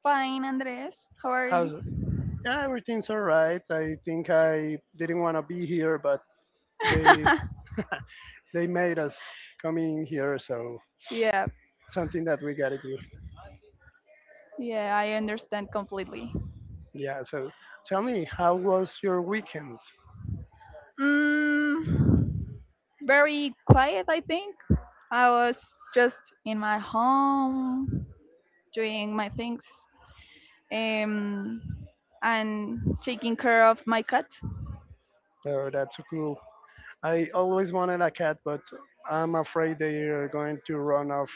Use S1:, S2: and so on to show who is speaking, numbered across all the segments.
S1: Fine, Andres. How are
S2: How's
S1: you?
S2: yeah, everything's all right. I think I didn't want to be here, but they they made us come in here, so
S1: Yeah,
S2: something that we gotta do.
S1: yeah, I understand completely.
S2: Yeah. So, tell me, how was your weekend?
S1: Mm, Very quiet, I think. I was just in my home doing my things, um, and taking care of my cat.
S2: Oh, that's so cool. I always wanted a cat, but I'm afraid they are going to run off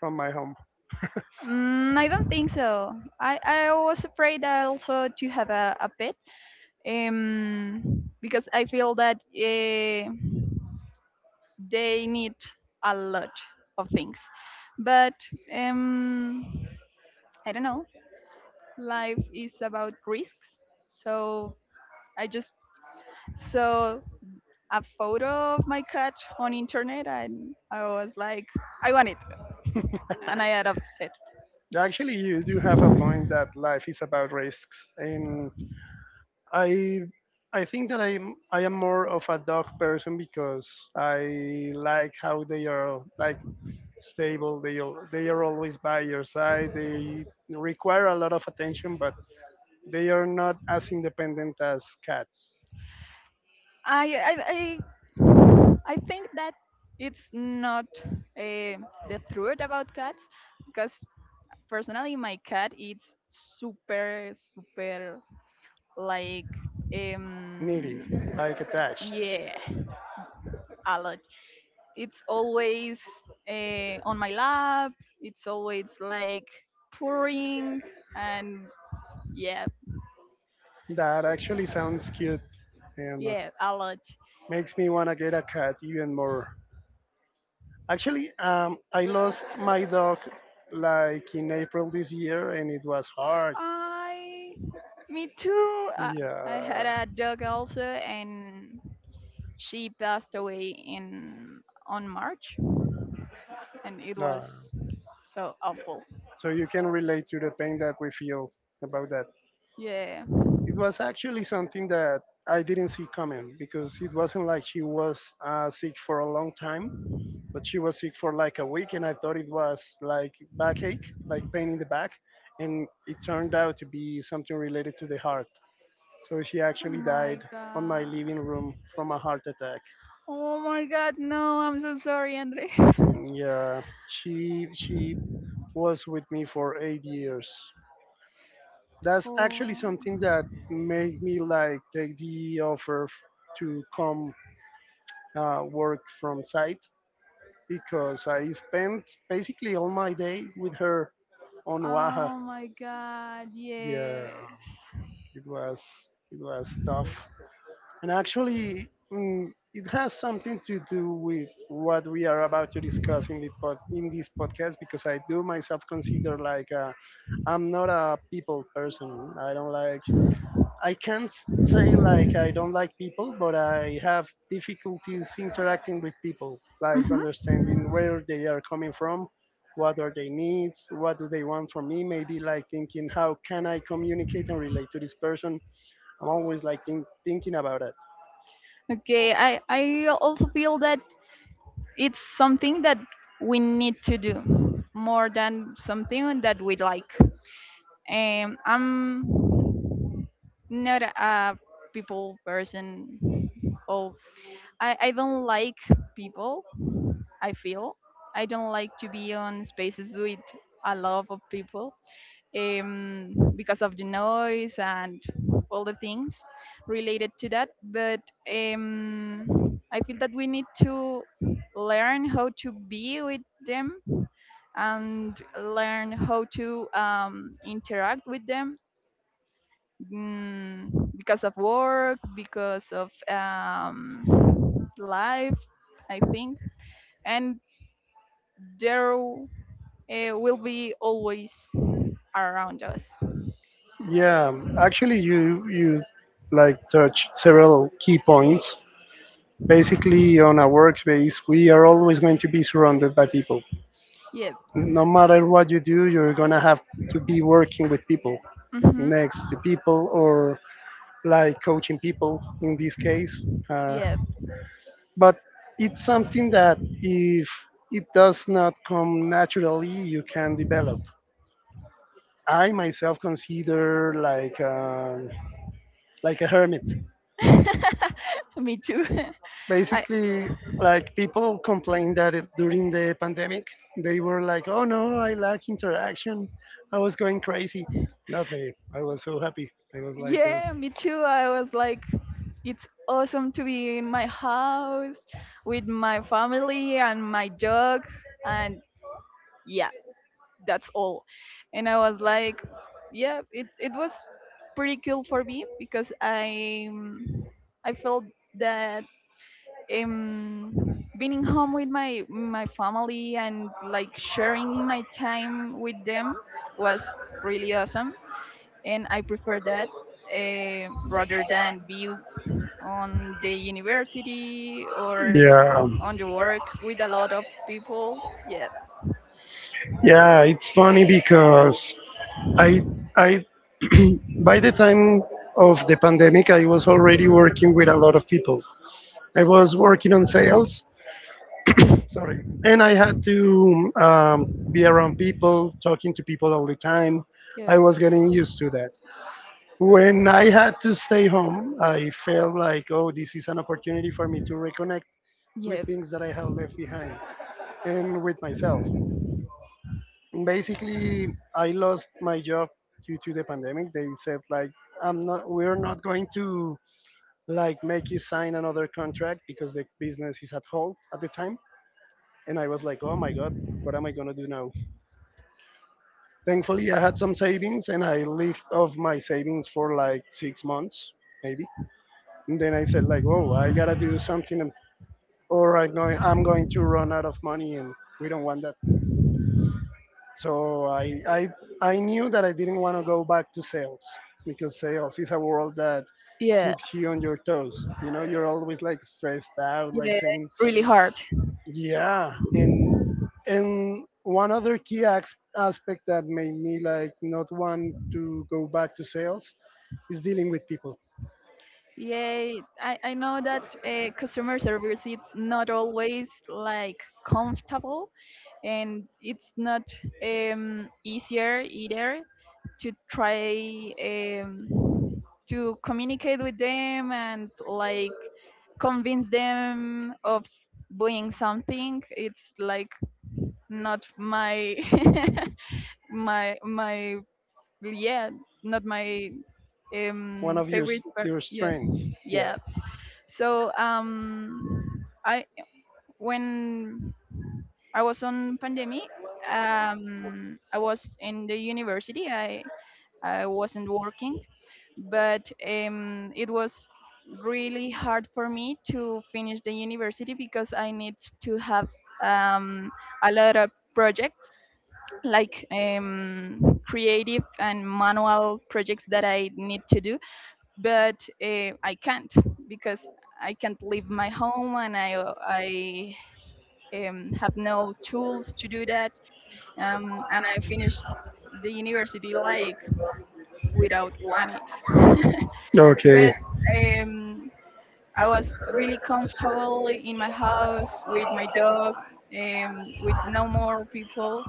S2: from my home.
S1: I don't think so. I was afraid also to have a pet, because I feel that. They need a lot of things, but um I don't know, life is about risks, so I just saw a photo of my cat on internet, and I was like, I want it, and I adopted it.
S2: Actually, you do have a point that life is about risks, and I I think that I am more of a dog person because I like how they are like stable. They are always by your side. They require a lot of attention, but they are not as independent as cats.
S1: i i i, I think that it's not, eh, the truth about cats, because personally my cat is super super, like.
S2: Needy,
S1: um
S2: like attached.
S1: Yeah, a lot. It's always, on my lap. It's always like pouring, and yeah,
S2: That actually sounds cute and
S1: yeah, a lot.
S2: makes me wanna get a cat even more. Actually, I lost my dog like in April this year, and it was hard.
S1: I, Me too. I had
S2: Yeah.
S1: a dog also, and she passed away in on March, and it
S2: Uh,
S1: was so awful.
S2: so you can relate to the pain that we feel about that.
S1: Yeah.
S2: It was actually something that I didn't see coming because it wasn't like she was sick for a long time, but she was sick for like a week, and I thought it was like backache, like pain in the back, and it turned out to be something related to the heart. So she
S1: Oh
S2: actually
S1: my
S2: died on my
S1: god.
S2: living room from a heart attack.
S1: Oh my god, no, I'm so sorry, Andre.
S2: Yeah, she was with me for 8 years. That's actually
S1: Oh.
S2: something that made me like take to come work from site because I spent basically all my day with her on Oaxaca.
S1: Oh my god,
S2: Yeah,
S1: yes.
S2: it was it was tough, and actually, it has something to do with what we are about to discuss in this podcast because I do myself consider like, I'm not a people person. I can't say like I don't like people, but I have difficulties interacting with people, like
S1: Hmm.
S2: understanding where they are coming from, what are their needs, what do they want from me. Maybe like thinking how can I communicate and relate to this person. I'm always like thinking about it.
S1: Okay, I also feel that it's something that we need to do, more than something that we like. I'm not a people person. Oh, I don't like people. I feel I don't like to be on spaces with a lot of people, because of the noise and all the things related to that. But I feel that we need to learn how to be with them, and learn how to, interact with them, mm, because of work, because of, life, I think. And there, will be always around us.
S2: Yeah, actually, you like touch several key points. Basically, on a workspace, we are always going to be surrounded by people
S1: Yep.
S2: no matter what you do, you're gonna have to be working with people,
S1: Mm-hmm.
S2: next to people, or like coaching people in this case. Uh,
S1: Yep.
S2: but it's something that if it does not come naturally, you can develop. I myself consider like a hermit.
S1: Me too. I
S2: Basically, like people complained that during the pandemic they were like, oh no, I lack interaction, I was going crazy. Not me, I was so happy, I was like,
S1: Yeah, me too. I was like, it's awesome to be in my house with my family and my dog and yeah. That's all, and I was like yeah, it was pretty cool for me because I felt that um being in home with my family, and like sharing my time with them, was really awesome, and I prefer that, rather than be on the university or
S2: yeah.
S1: on the work with a lot of people, yeah,
S2: Yeah, it's funny because I I by the time of the pandemic, I was already working with a lot of people. I was working on sales, sorry, and I had to be around people, talking to people all the time.
S1: yeah.
S2: I was getting used to that. When I had to stay home, I felt like, oh, this is an opportunity for me to reconnect
S1: Yeah,
S2: with things that I had left behind, and with myself. Basically, I lost my job due to the pandemic. They said like, I'm not we're not going to like make you sign another contract because the business is at halt at the time. And I was like, "Oh my god, what am I going to do now?" Thankfully, I had some savings and I lived off my savings for like 6 months maybe. And then I said like, "Oh, I got to do something or I know I'm going to run out of money and we don't want that." So I knew that I didn't want to go back to sales because sales is a world that
S1: yeah,
S2: keeps you on your toes. You know, you're always like stressed out,
S1: yeah,
S2: like saying,
S1: it's really hard.
S2: yeah. And one other key aspect that made me like not want to go back to sales is dealing with people.
S1: Yeah, I know that, customer service, it's not always like comfortable, and it's not, easier either, to try, to communicate with them and like convince them of doing something. It's like not my my yeah, it's not my,
S2: One of
S1: favorite part.
S2: your
S1: Yeah.
S2: strengths. Yeah.
S1: Yeah. So I when I was on pandemic, I was in the university. I wasn't working, but it was really hard for me to finish the university because I need to have, um, a lot of projects like, creative and manual projects that I need to do, but I can't, because I can't leave my home, and I have no tools to do that. And I finished the university like without wanting it. But
S2: Okay.
S1: um, I was really comfortable in my house with my dog, with no more people,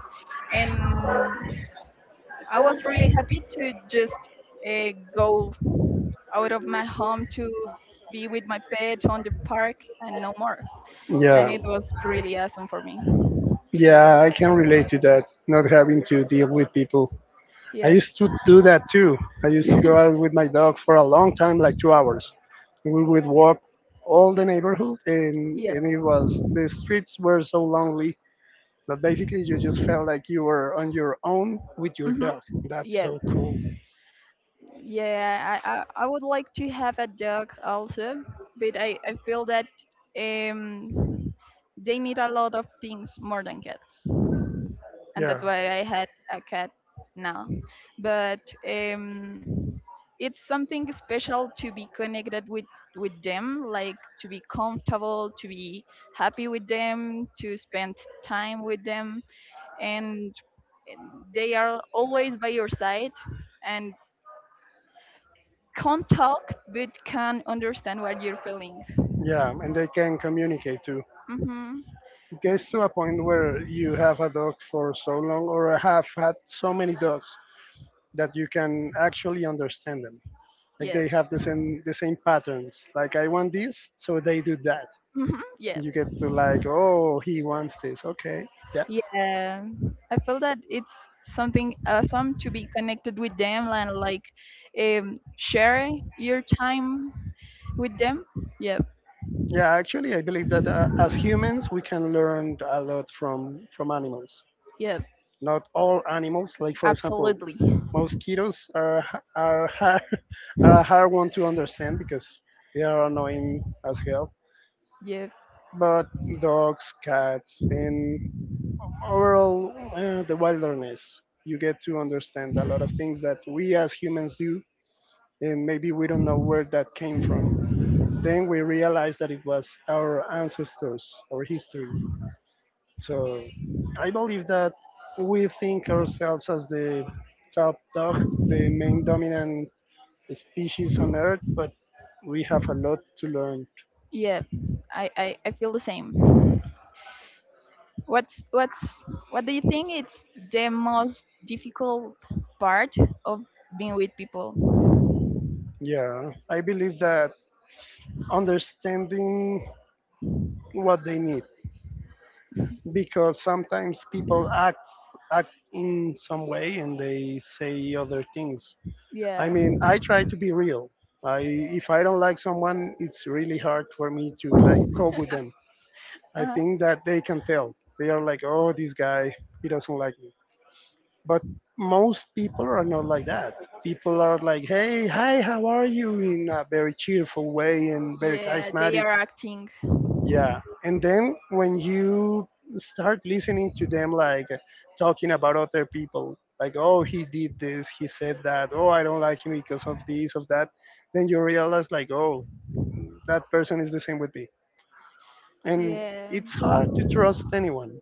S1: and I was really happy to just, go out of my home to be with my pet on the park and no more.
S2: Yeah.
S1: And it was really awesome for me.
S2: Yeah. I can relate to that. Not having to deal with people. I
S1: Yep,
S2: used to do that too. I used to go out with my dog for a long time, like 2 hours. We would walk all the neighborhood,
S1: yep,
S2: and it was, the streets were so lonely that basically you just felt like you were on your own with your
S1: mm-hmm,
S2: dog. That's
S1: yep.
S2: so cool.
S1: Yeah, I would like to have a dog also, but I feel that, um, they need a lot of things more than cats. And
S2: Yeah,
S1: that's why I had a cat now. But um, it's something special to be connected with them, like to be comfortable, to be happy with them, to spend time with them, and they are always by your side, and can't talk but can understand what you're feeling.
S2: yeah, and they can communicate too.
S1: Mm-hmm.
S2: It gets to a point where you have a dog for so long, or have had so many dogs that you can actually understand them. Like
S1: Yeah.
S2: they have the same patterns. Like I want this, so they do that.
S1: Mm-hmm. Yeah,
S2: And you get to like, oh, he wants this. Okay, yeah.
S1: yeah. I feel that it's something awesome to be connected with them, and like, share your time with them, yeah,
S2: Yeah, actually, I believe that as humans, we can learn a lot from animals.
S1: yeah.
S2: Not all animals, like for example,
S1: Absolutely.
S2: mosquitoes are are hard, are a hard one to understand because they are annoying as hell.
S1: Yeah.
S2: But dogs, cats, and overall the wilderness, you get to understand a lot of things that we as humans do, and maybe we don't know where that came from. Then we realize that it was our ancestors, our history. So I believe that we think ourselves as the top dog, the main dominant species on Earth, but we have a lot to learn.
S1: Yeah. I feel the same. What do you think it's the most difficult part of being with people?
S2: Yeah, I believe that understanding what they need, because sometimes people act in some way and they say other things. I
S1: Yeah.
S2: mean, I try to be real. I if I don't like someone, it's really hard for me to like cope with them. I
S1: Uh-huh.
S2: think that they can tell. They are like, oh, this guy, he doesn't like me. But most people are not like that. People are like, hey, hi, how are you? In a very cheerful way and very
S1: Yeah, they
S2: charismatic.
S1: are acting.
S2: Yeah. And then when you start listening to them, like talking about other people, like, oh, he did this, he said that, oh, I don't like him because of this, of that, then you realize, like, oh, that person is the same with me. And
S1: Yeah.
S2: it's hard to trust anyone,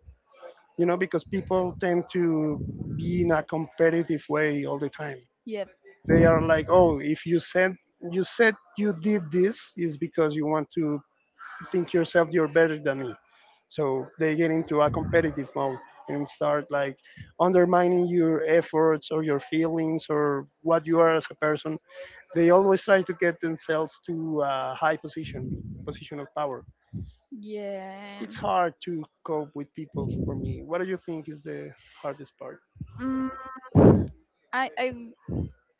S2: you know, because people tend to be in a competitive way all the time.
S1: Yep.
S2: They are like, oh, if you said you said you did this is because you want to think yourself you're better than me. So they get into a competitive mode and start like undermining your efforts or your feelings or what you are as a person. They always try to get themselves to a position of power.
S1: Yeah.
S2: It's hard to cope with people for me. What do you think is the hardest part?
S1: Mm, I I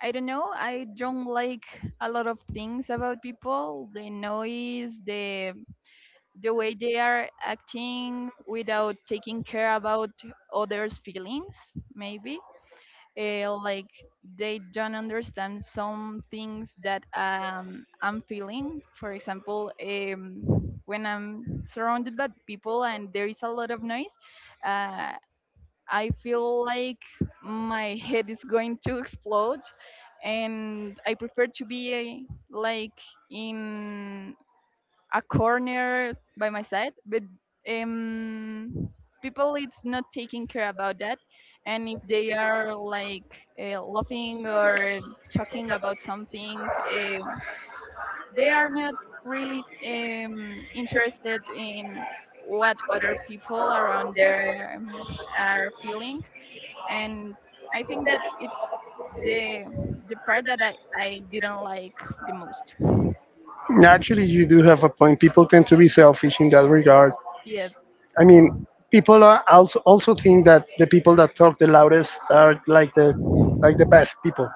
S1: I don't know. I don't like a lot of things about people. The noise, the way they are acting without taking care about others' feelings. Maybe, like they don't understand some things that, I'm feeling. For example, when I'm surrounded by people and there is a lot of noise, uh, I feel like my head is going to explode, and I prefer to be, like in a corner by my side. But um, people, it's not taking care about that, and if they are like, laughing or talking about something, they are not really, interested in what other people around there, are feeling, and I think that it's the the part that I didn't like the most.
S2: Actually, you do have a point. People tend to be selfish in that regard.
S1: Yeah,
S2: I mean, people are also think that the people that talk the loudest are like the best people.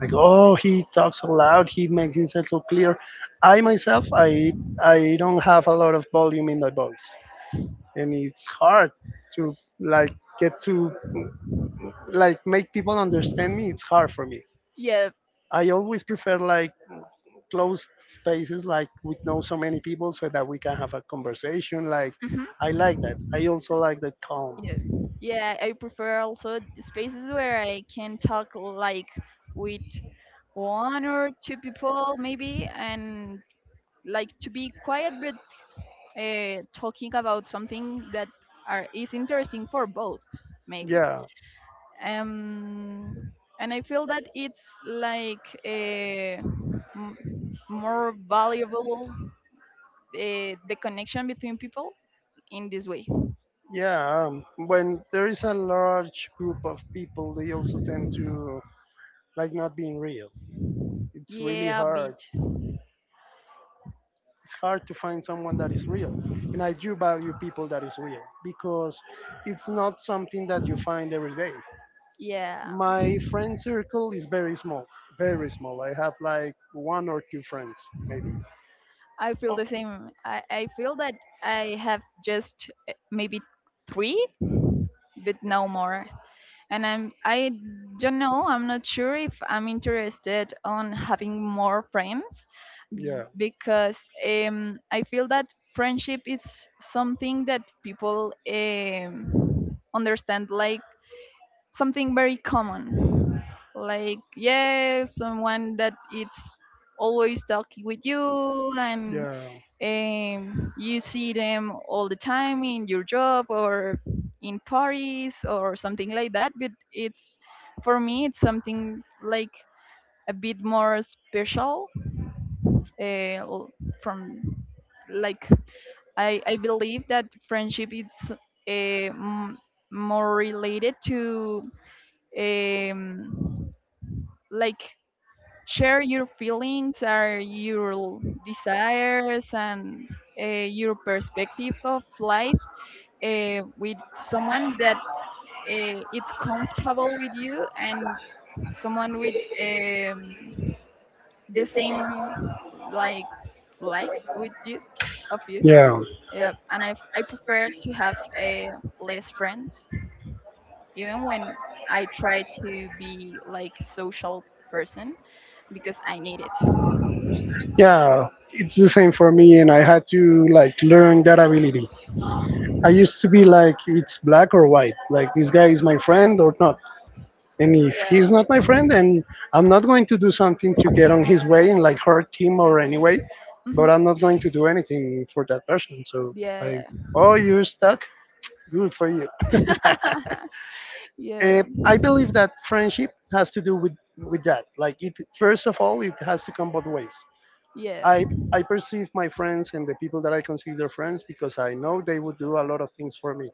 S2: Like, oh, he talks so loud. He makes himself so clear. I
S1: yeah,
S2: myself, I I don't have a lot of volume in my voice, and it's hard to like get to like make people understand me. It's hard for me.
S1: yeah.
S2: I always prefer like closed spaces like we know so many people so that we can have a conversation like,
S1: Hmm.
S2: I like that. I also like the calm.
S1: Yeah, yeah. I prefer also spaces where I can talk like with one or two people maybe, and like to be quiet, but talking about something that are is interesting for both maybe.
S2: Yeah,
S1: um, and I feel that it's like a more valuable, the connection between people in this way.
S2: yeah, when there is a large group of people, they also tend to like not being real. It's really
S1: Yeah, a
S2: hard.
S1: bit.
S2: It's hard to find someone that is real, and I do value people that is real because it's not something that you find every day.
S1: Yeah,
S2: My friend circle is very small, very small. I have like one or two friends maybe.
S1: I feel
S2: Oh,
S1: the same. I feel that I have just, maybe three, but no more. And I don't know. I'm not sure if I'm interested on having more friends,
S2: yeah.
S1: because I feel that friendship is something that people, understand like something very common. Like yeah, someone that it's always talking with you, and
S2: Yeah.
S1: you see them all the time in your job or in parties or something like that. But it's for me, it's something like a bit more special. Uh, l- from like I believe that friendship is, m- more related to, um, like share your feelings or your desires, and your perspective of life, with someone that, it's comfortable with you, and someone with um, the same, like likes with you of you.
S2: Yeah,
S1: Yeah, and I prefer to have, less friends, even when I try to be like social person, because I need it.
S2: yeah, it's the same for me, and I had to like learn that ability. I used to be like, it's black or white, like this guy is my friend or not. And if he's
S1: Yeah.
S2: not my friend, then I'm not going to do something to get on his way and like hurt him or anyway.
S1: Hmm.
S2: But I'm not going to do anything for that person. So
S1: Yeah,
S2: I,
S1: yeah.
S2: oh, you're stuck. Good for you. Uh,
S1: Yeah.
S2: I believe that friendship has to do with that. Like it, first of all, it has to come both ways.
S1: Yeah.
S2: I I perceive my friends and the people that I consider friends because I know they would do a lot of things for me.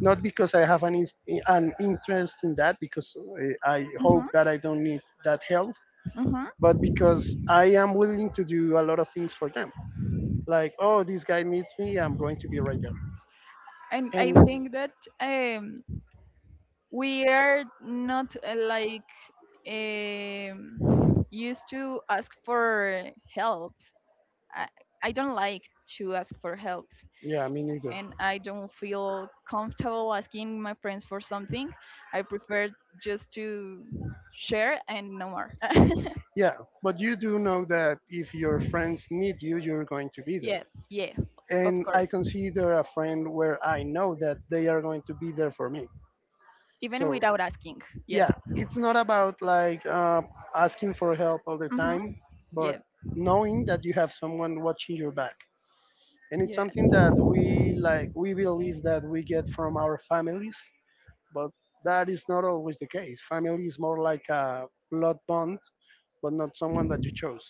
S2: Not because I have an interest in that, because I
S1: Hmm.
S2: hope that I don't need that help,
S1: Hmm.
S2: but because I am willing to do a lot of things for them. Like, oh, this guy needs me, I'm going to be right there.
S1: And I
S2: And
S1: think that um we are not, like, used to ask for help. I, I don't like to ask for help,
S2: yeah, me neither.
S1: and I don't feel comfortable asking my friends for something. I prefer just to share and no more.
S2: Yeah, but you do know that if your friends need you, you're going to be there.
S1: Yeah, yeah, of
S2: And I
S1: course,
S2: consider a friend where I know that they are going to be there for me.
S1: even
S2: So,
S1: without asking. Yeah,
S2: yeah, it's not about asking for help all the
S1: mm-hmm.
S2: time,
S1: Yeah,
S2: but knowing that you have someone watching your back. And it's
S1: yeah,
S2: something that we believe that we get from our families, but that is not always the case. Family is more like a blood bond, but not someone that you chose.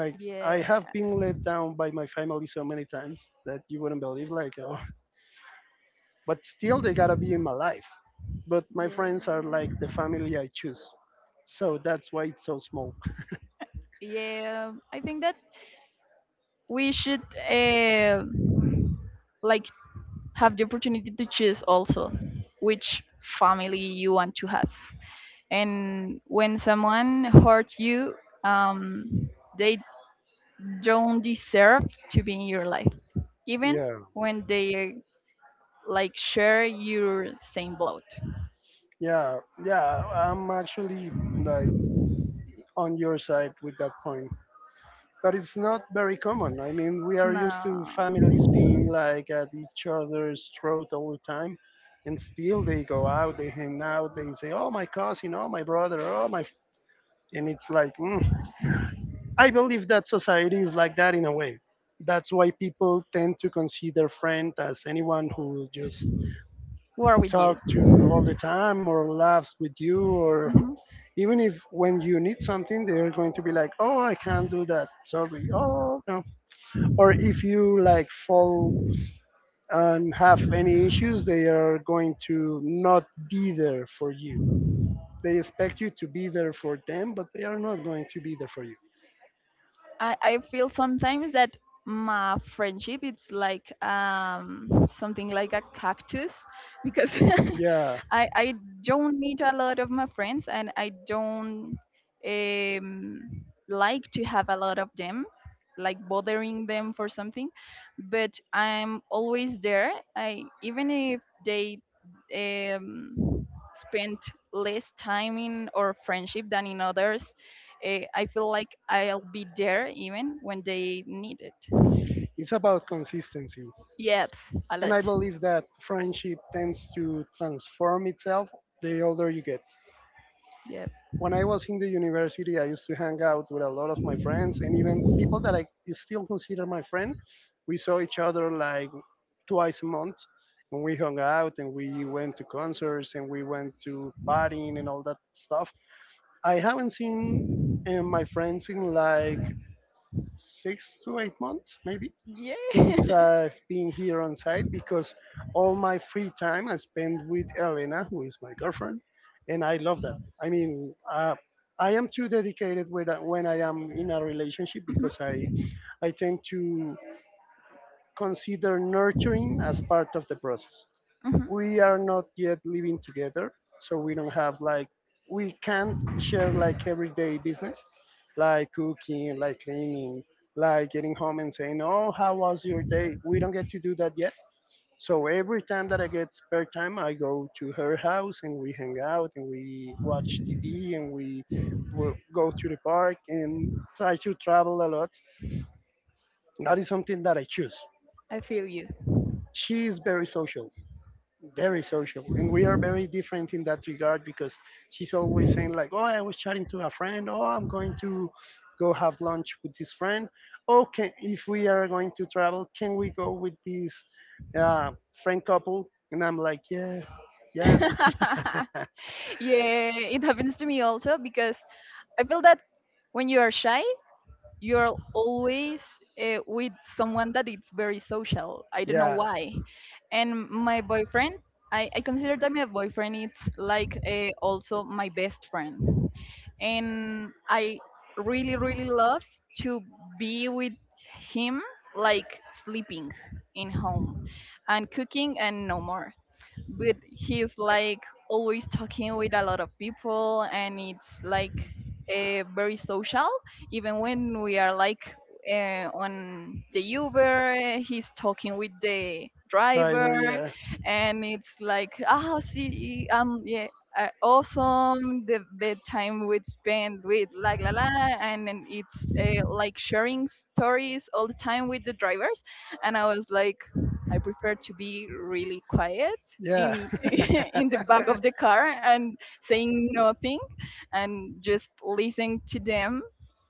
S2: Like i
S1: yeah,
S2: have been let down by my family so many times that you wouldn't believe. But still they gotta be in my life, but my friends are
S1: yeah,
S2: like the family I choose, so that's why it's so small.
S1: yeah. I think that we should, uh, like have the opportunity to choose also which family you want to have. And when someone hurts you, um, they don't deserve to be in your life, even
S2: Yeah.
S1: when they like share your same blood.
S2: Yeah, yeah, I'm actually like on your side with that point. But it's not very common. I mean, we are used to
S1: No,
S2: families being like at each other's throat all the time, and still they go out, they hang out, they say, "Oh, my cousin, oh, my brother, oh, my," f-" and it's like, mm, I believe that society is like that in a way. That's why people tend to consider friend as anyone who just
S1: war with
S2: talk
S1: you.
S2: to all the time or laughs with you or
S1: Mhm.
S2: even if when you need something they're going to be like, "Oh, I can't do that, sorry, oh no." Or if you like fall and have any issues, they are going to not be there for you. They expect you to be there for them, but they are not going to be there for you.
S1: I feel sometimes that my friendship it's like something like a cactus, because
S2: Yeah,
S1: I don't meet a lot of my friends, and I don't like to have a lot of them like bothering them for something, but I'm always there, I even if they um spend less time in our friendship than in others, I feel like I'll be there even when they need it.
S2: it's about consistency.
S1: Yep, a
S2: And I
S1: lot.
S2: believe that friendship tends to transform itself the older you get.
S1: Yep.
S2: When I was in the university, I used to hang out with a lot of my friends and even people that I still consider my friend. We saw each other like twice a month and we hung out and we went to concerts and we went to partying and all that stuff. I haven't seen my friends in like 6 to 8 months, maybe,
S1: Yeah.
S2: since I've been here on site, because all my free time I spend with Elena, who is my girlfriend, and I love that. I mean, uh, I am too dedicated when I am in a relationship
S1: Hmm.
S2: because I tend to consider nurturing as part of the process.
S1: Hmm.
S2: We are not yet living together, so we don't have like, we can't share like everyday business, like cooking, like cleaning, like getting home and saying, "Oh, how was your day?" We don't get to do that yet. So every time that I get spare time, I go to her house and we hang out and we watch TV and we will go to the park and try to travel a lot. That is something that I choose.
S1: I feel you.
S2: She is very social, very social, and we are very different in that regard because she's always saying like, "Oh, I was chatting to a friend. Oh, I'm going to go have lunch with this friend. Oh, can, if we are going to travel, can we go with this uh, friend couple?" And I'm like, "Yeah, yeah."
S1: Yeah, it happens to me also because I feel that when you are shy, you're always, with someone that is very social. I don't know why. And my boyfriend, I consider that my boyfriend is like, also my best friend. And I really, really love to be with him, like sleeping in home, and cooking and no more, but he's like always talking with a lot of people, and it's like, very social, even when we are like, on the Uber, he's talking with the driver, and it's like, ah, see, yeah, awesome, the time we spend with, la la la, and then it's, like sharing stories all the time with the drivers, and I was like, I prefer to be really quiet
S2: Yeah.
S1: in in the back of the car and saying nothing, and just listening to them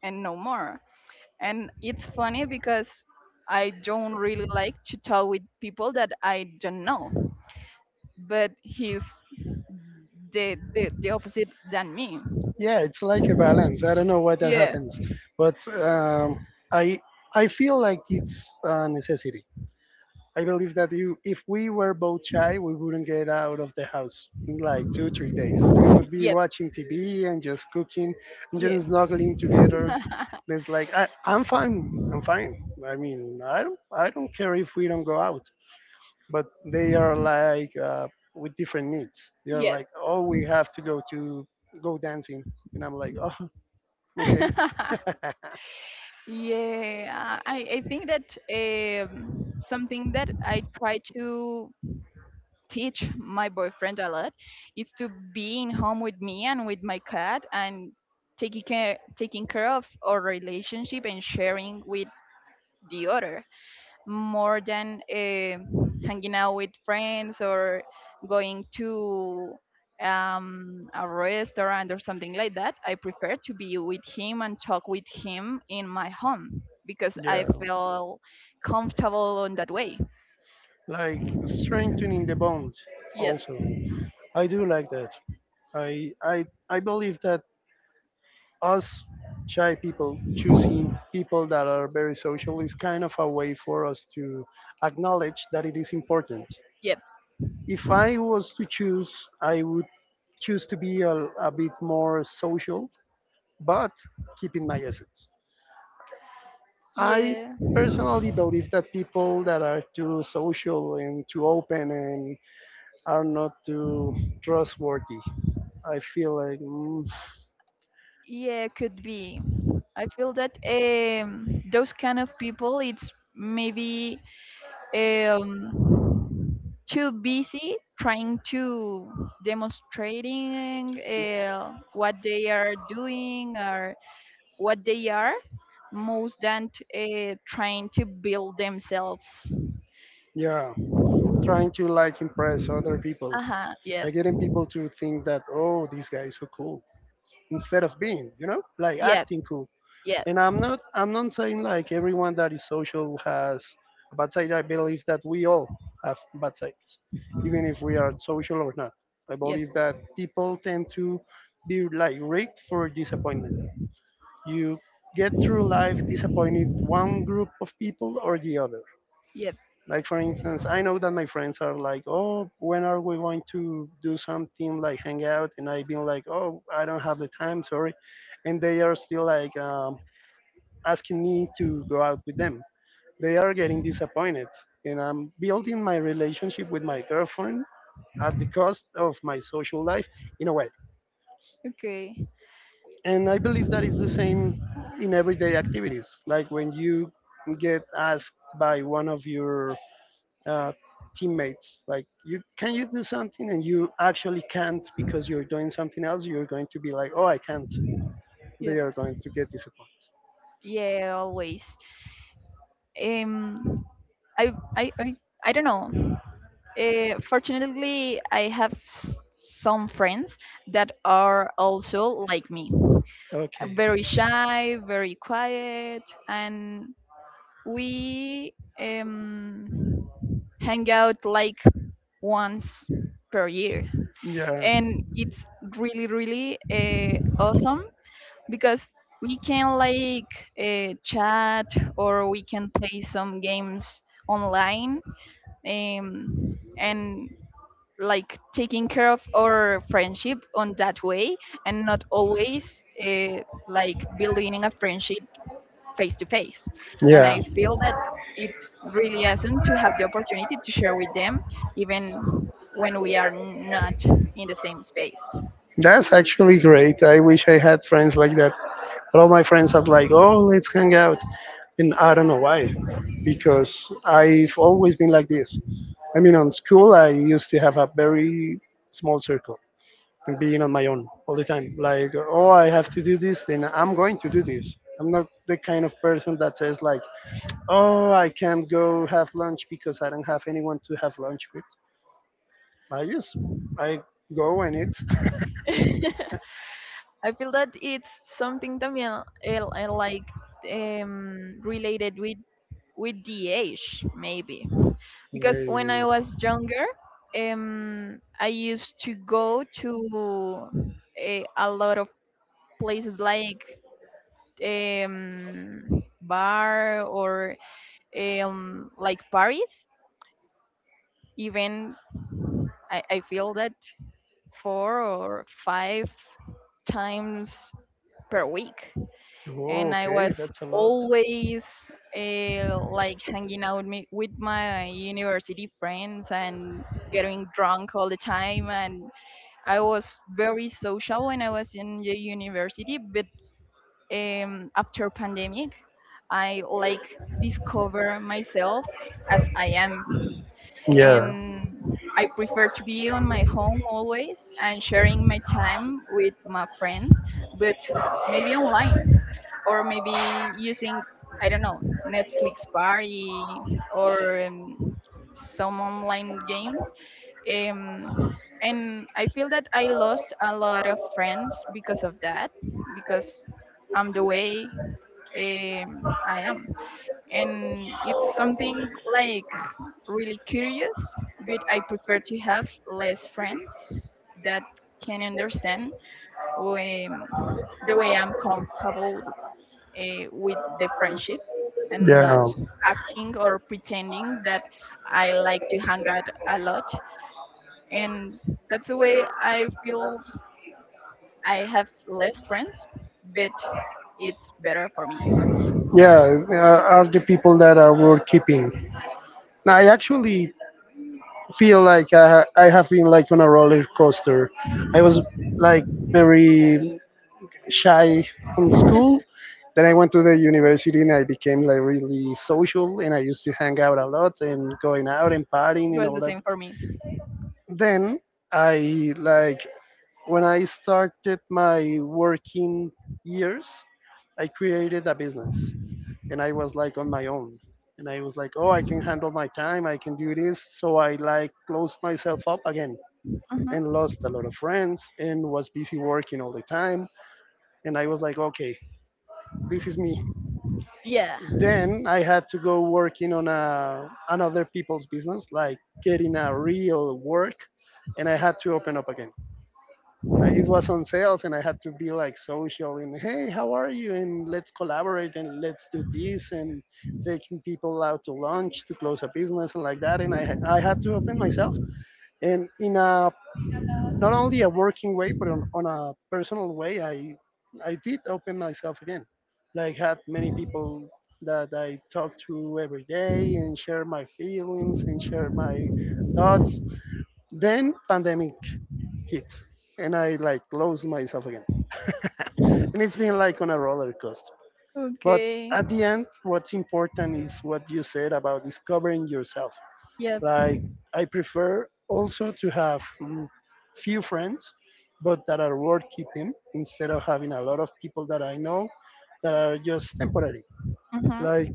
S1: and no more. And it's funny because I don't really like to talk with people that I don't know, but he's the opposite than me.
S2: Yeah, it's like a balance. I don't know why that
S1: Yeah,
S2: happens, but um, I I feel like it's a necessity. I believe that you, if we were both shy, we wouldn't get out of the house in like two, 3 days. We would be
S1: yeah.
S2: watching TV and just cooking and
S1: Yes.
S2: just snuggling together. And it's like I'm fine. I'm fine. I mean, I don't care if we don't go out. But they are like with different needs. They are
S1: Yes.
S2: like, "Oh, we have to go dancing," and I'm like, "Oh, okay."
S1: Yeah, I think that something that I try to teach my boyfriend a lot is to being home with me and with my cat, and taking care of our relationship, and sharing with the other, more than, hanging out with friends or going to, a restaurant or something like that. I prefer to be with him and talk with him in my home because I
S2: Yeah,
S1: feel comfortable in that way.
S2: like strengthening the bond.
S1: Yep,
S2: Also, I do like that. I believe that us shy people choosing people that are very social is kind of a way for us to acknowledge that it is important.
S1: yep.
S2: If I was to choose, I would choose to be a bit more social, but keeping my essence. I
S1: Yeah,
S2: personally believe that people that are too social and too open and are not too trustworthy, I feel like, mm,
S1: yeah, could be. I feel that those kind of people, it's maybe eh, um, too busy trying to demonstrating what they are doing or what they are most than trying to build themselves.
S2: yeah, trying to like impress other people
S1: Uh-huh. Yep.
S2: by getting people to think that, "Oh, this guy is so cool," instead of being, you know, like
S1: Yep.
S2: acting cool.
S1: Yep.
S2: And I'm not saying like everyone that is social has a bad side. I believe that we all have bad sides, even if we are social or not. I believe
S1: Yep.
S2: that people tend to be like rigged for disappointment. You get through life disappointed one group of people or the other.
S1: Yep.
S2: Like for instance, I know that my friends are like, "Oh, when are we going to do something like hang out?" And I've been like, "Oh, I don't have the time, sorry," and they are still asking me to go out with them. They are getting disappointed, and I'm building my relationship with my girlfriend at the cost of my social life in a way.
S1: Okay.
S2: And I believe that is the same in everyday activities. Like when you get asked by one of your uh, teammates. Like, you can you do something, and you actually can't because you're doing something else. You're going to be like, "Oh, I can't."
S1: Yep.
S2: They are going to get disappointed.
S1: Yeah, always. um i i i, I don't know. Fortunately, I have some friends that are also like me,
S2: Okay.
S1: very shy, very quiet, and we, um, hang out like once per year.
S2: Yeah.
S1: And it's really, really awesome because we can like chat or we can play some games online, and like taking care of our friendship on that way and not always like building a friendship face to face. And
S2: Yeah.
S1: I feel that it's really awesome to have the opportunity to share with them, even when we are not in the same space.
S2: That's actually great. I wish I had friends like that. A lot of my friends are like, "Oh, let's hang out." And I don't know why, because I've always been like this. I mean, on school, I used to have a very small circle and being on my own all the time. Like, "Oh, I have to do this, then I'm going to do this." I'm not the kind of person that says like, "Oh, I can't go have lunch because I don't have anyone to have lunch with." I just, I go and eat.
S1: I feel that it's something también like related with the age maybe, because when
S2: Maybe.
S1: I was younger, I used to go to a lot of places like bar or like Paris, even I feel that 4 or 5 times per week.
S2: Oh,
S1: And I
S2: okay,
S1: was
S2: that's a lot.
S1: always like hanging out me, with my university friends and getting drunk all the time. And I was very social when I was in the university, but after pandemic, I like discover myself as I am,
S2: Yeah.
S1: and I prefer to be on my home always and sharing my time with my friends, but maybe online or maybe using, I don't know, Netflix party or some online games. Um, and I feel that I lost a lot of friends because of that, because I'm the way I am, and it's something like really curious, but I prefer to have less friends that can understand, um, the way I'm comfortable with the friendship, and not acting or pretending that I like to hang out a lot. And that's the way I feel. I have less friends, but it's better for me. It
S2: Yeah, are the people that are worth keeping. I actually feel like I have been like on a roller coaster. I was like very shy in school, then I went to the university and I became like really social and I used to hang out a lot and going out and partying and
S1: was
S2: all
S1: the
S2: that.
S1: same for me.
S2: Then I like when I started my working years, I created a business and I was like on my own. And I was like, "Oh, I can handle my time. I can do this." So I like closed myself up again
S1: Mhm.
S2: and lost a lot of friends and was busy working all the time. And I was like, okay, this is me.
S1: Yeah.
S2: Then I had to go working on another people's business, like getting a real work. And I had to open up again. I, it was on sales and I had to be like social and, "Hey, how are you? And let's collaborate and let's do this," and taking people out to lunch to close a business and like that. And I had to open myself, and in a not only a working way but on a personal way, I did open myself again. Like had many people that I talk to every day and share my feelings and share my thoughts. Then pandemic hit and I like closed myself again. And it's been like on a roller coaster. But
S1: Okay.
S2: at the end, what's important is what you said about discovering yourself.
S1: Yep.
S2: Like, I prefer also to have, mm, few friends, but that are worth keeping instead of having a lot of people that I know that are just temporary.
S1: Mm-hmm.
S2: Like,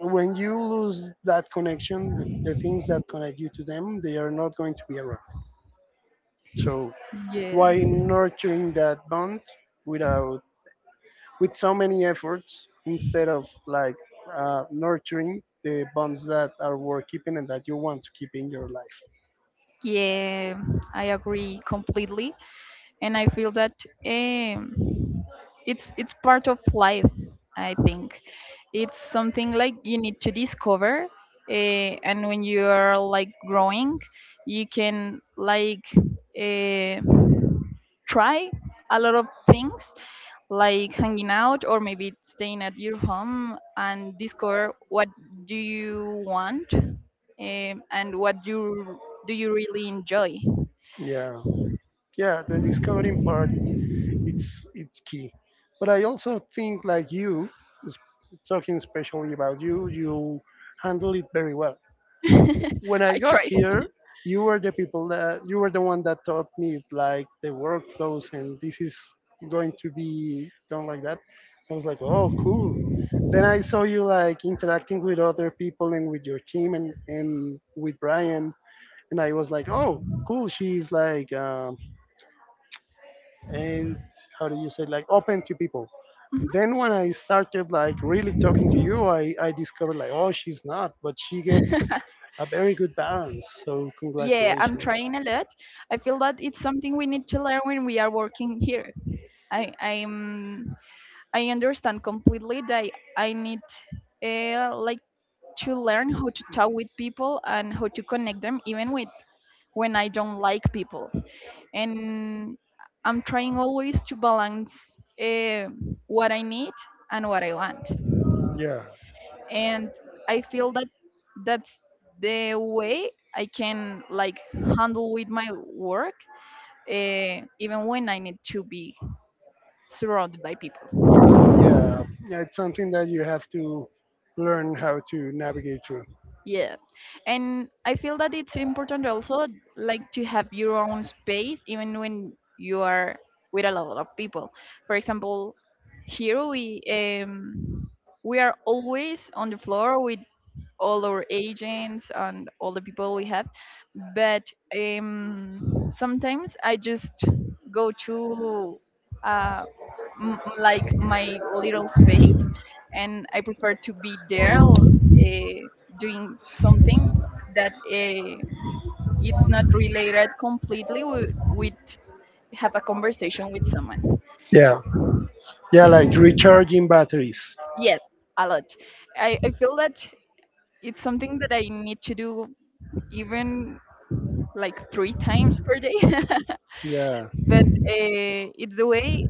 S2: when you lose that connection, the things that connect you to them, they are not going to be around. So,
S1: Yeah.
S2: why nurturing that bond without, with so many efforts, instead of like nurturing the bonds that are worth keeping and that you want to keep in your life.
S1: Yeah, I agree completely, and I feel that um, it's part of life. I think it's something like you need to discover, and when you are like growing, you can like uh, try a lot of things like hanging out or maybe staying at your home and discover what do you want, and what you do you really enjoy.
S2: Yeah, yeah, the discovering part, it's key. But I also think like you, s- talking especially about you, you handle it very well. When I
S1: I
S2: got
S1: try.
S2: here, you were the people that you were the one that taught me like the workflows and this is going to be done like that. I was like, "Oh, cool." Then I saw you like interacting with other people and with your team and with Brian, and I was like, "Oh, cool. She's like, and how do you say, like open to people."
S1: Mhm.
S2: Then when I started like really talking to you, I discovered like, "Oh, she's not, but she gets a very good balance. So
S1: Yeah, I'm
S2: congratulations."
S1: trying a lot. I feel that it's something we need to learn when we are working here. I, I understand completely that I need like to learn how to talk with people and how to connect them, even with when I don't like people. And I'm trying always to balance uh, what I need and what I want.
S2: Yeah,
S1: And I feel that that's the way I can like handle with my work, even when I need to be surrounded by people.
S2: yeah, yeah. It's something that you have to learn how to navigate through.
S1: Yeah. And I feel that it's important also like to have your own space even when you are with a lot of people. For example, here we, we are always on the floor. We, all our agents and all the people we have, but um sometimes I just go to uh like my little space, and I prefer to be there doing something that it's not related completely with have a conversation with someone.
S2: Yeah, yeah, like recharging batteries.
S1: Yes, a lot. I feel that it's something that I need to do, even like 3 times per day.
S2: Yeah,
S1: But it's the way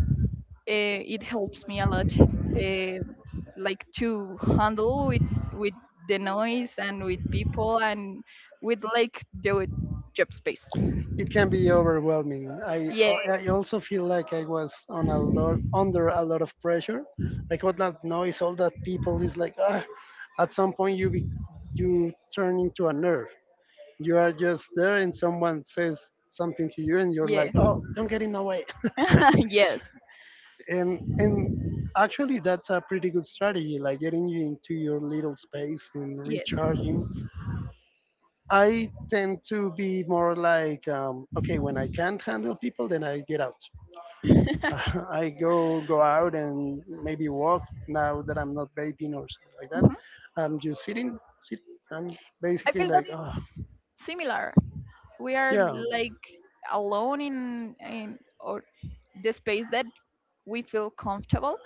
S1: it helps me a lot, like to handle with the noise and with people and with like the job space.
S2: it can be overwhelming.
S1: Yeah,
S2: I also feel like I was on a lot, under a lot of pressure, like all that noise, all that people is like, ah, at some point you be, you turn into a nerve. You are just there, and someone says something to you, and you're
S1: yeah,
S2: like, "Oh, don't get in the way."
S1: yes,
S2: And actually, that's a pretty good strategy, like getting you into your little space and
S1: yeah.
S2: recharging. I tend to be more like, okay, when I can't handle people, then I get out.
S1: Mhm.
S2: I go out and maybe walk, now that I'm not vaping or something like that. I'm just sitting. I'm
S1: I
S2: basically
S1: feel
S2: like, oh,
S1: that's similar. We are
S2: yeah,
S1: like alone in or the space that we feel comfortable,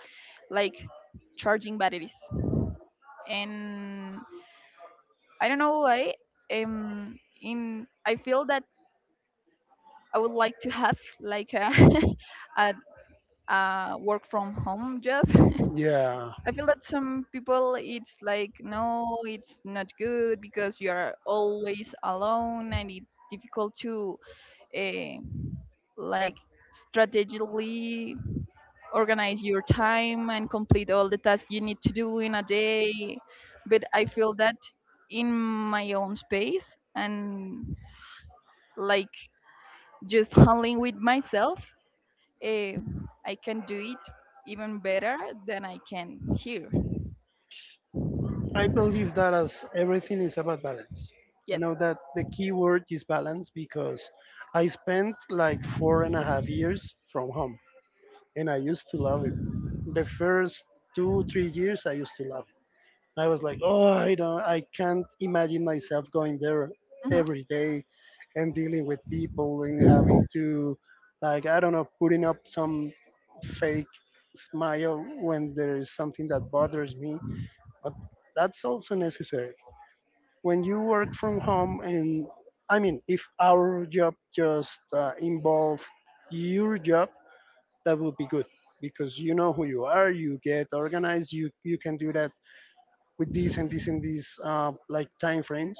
S1: like charging batteries. And I don't know why. In I feel that I would like to have like a a, a work from home job.
S2: yeah.
S1: I feel that some people it's like no, it's not good because you are always alone, and it's difficult to uh, like strategically organize your time and complete all the tasks you need to do in a day. But I feel that in my own space and like just handling with myself, eh, I can do it even better than I can here.
S2: I believe that as everything is about balance. I
S1: Yep.
S2: know that the key word is balance because I spent like four and a half years from home, and I used to love it. The first 2 3 years, I used to love. I was like, "Oh, I don't, I can't imagine myself going there
S1: Mhm.
S2: every day and dealing with people and having to, like, I don't know, putting up some fake smile when there is something that bothers me." But that's also necessary. When you work from home, and I mean, if our job just involved your job, that would be good because you know who you are, you get organized, you can do that with these and these and these like time frames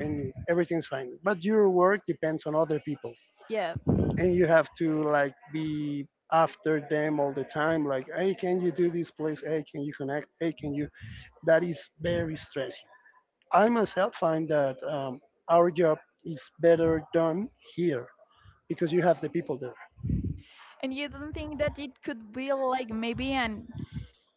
S2: and everything's fine. But your work depends on other people
S1: Yeah.
S2: and you have to like be after them all the time like, "Hey, can you do this place, hey, can you connect, hey, can you," that is very stressing. I myself find that our job is better done here because you have the people there.
S1: And you don't think that it could be like maybe an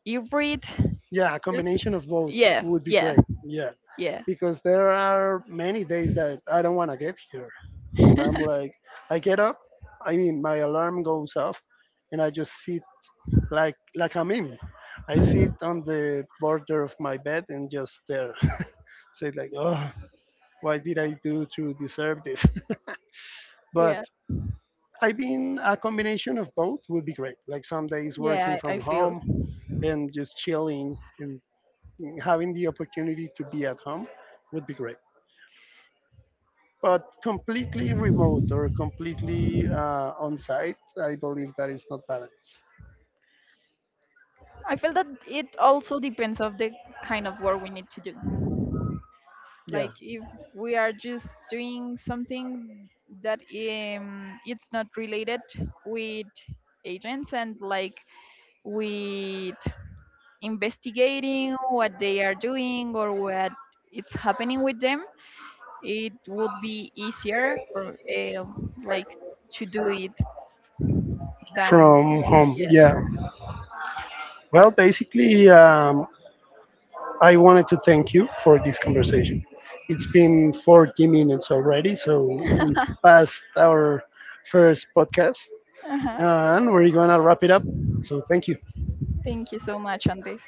S1: hybrid?
S2: Yeah, a
S1: Yep.
S2: combination of both
S1: Yeah,
S2: would be
S1: yeah,
S2: great, yeah,
S1: yeah,
S2: because there are many days that I don't want to get here. And I'm like, I get up. I mean, my alarm goes off, and I just sit like a meme. I sit on the border of my bed and just there, say like, "Oh, why did I do to deserve this?" But
S1: yeah,
S2: I mean, a combination of both would be great. Like some days working
S1: yeah. I
S2: from
S1: feel.
S2: home and just chilling and having the opportunity to be at home would be great. But completely remote or completely on site, I believe that is not balanced.
S1: I feel that it also depends of the kind of work we need to do.
S2: Yeah,
S1: Like if we are just doing something that it's not related with agents and like with investigating what they are doing or what it's happening with them, it would be easier for, like to do it than,
S2: from home.
S1: yes.
S2: Yeah. Well, basically, I wanted to thank you for this conversation. It's been 40 minutes already, so we passed our first podcast
S1: Uh-huh.
S2: and we're going to wrap it up. So, thank you.
S1: Thank you so much, Andres.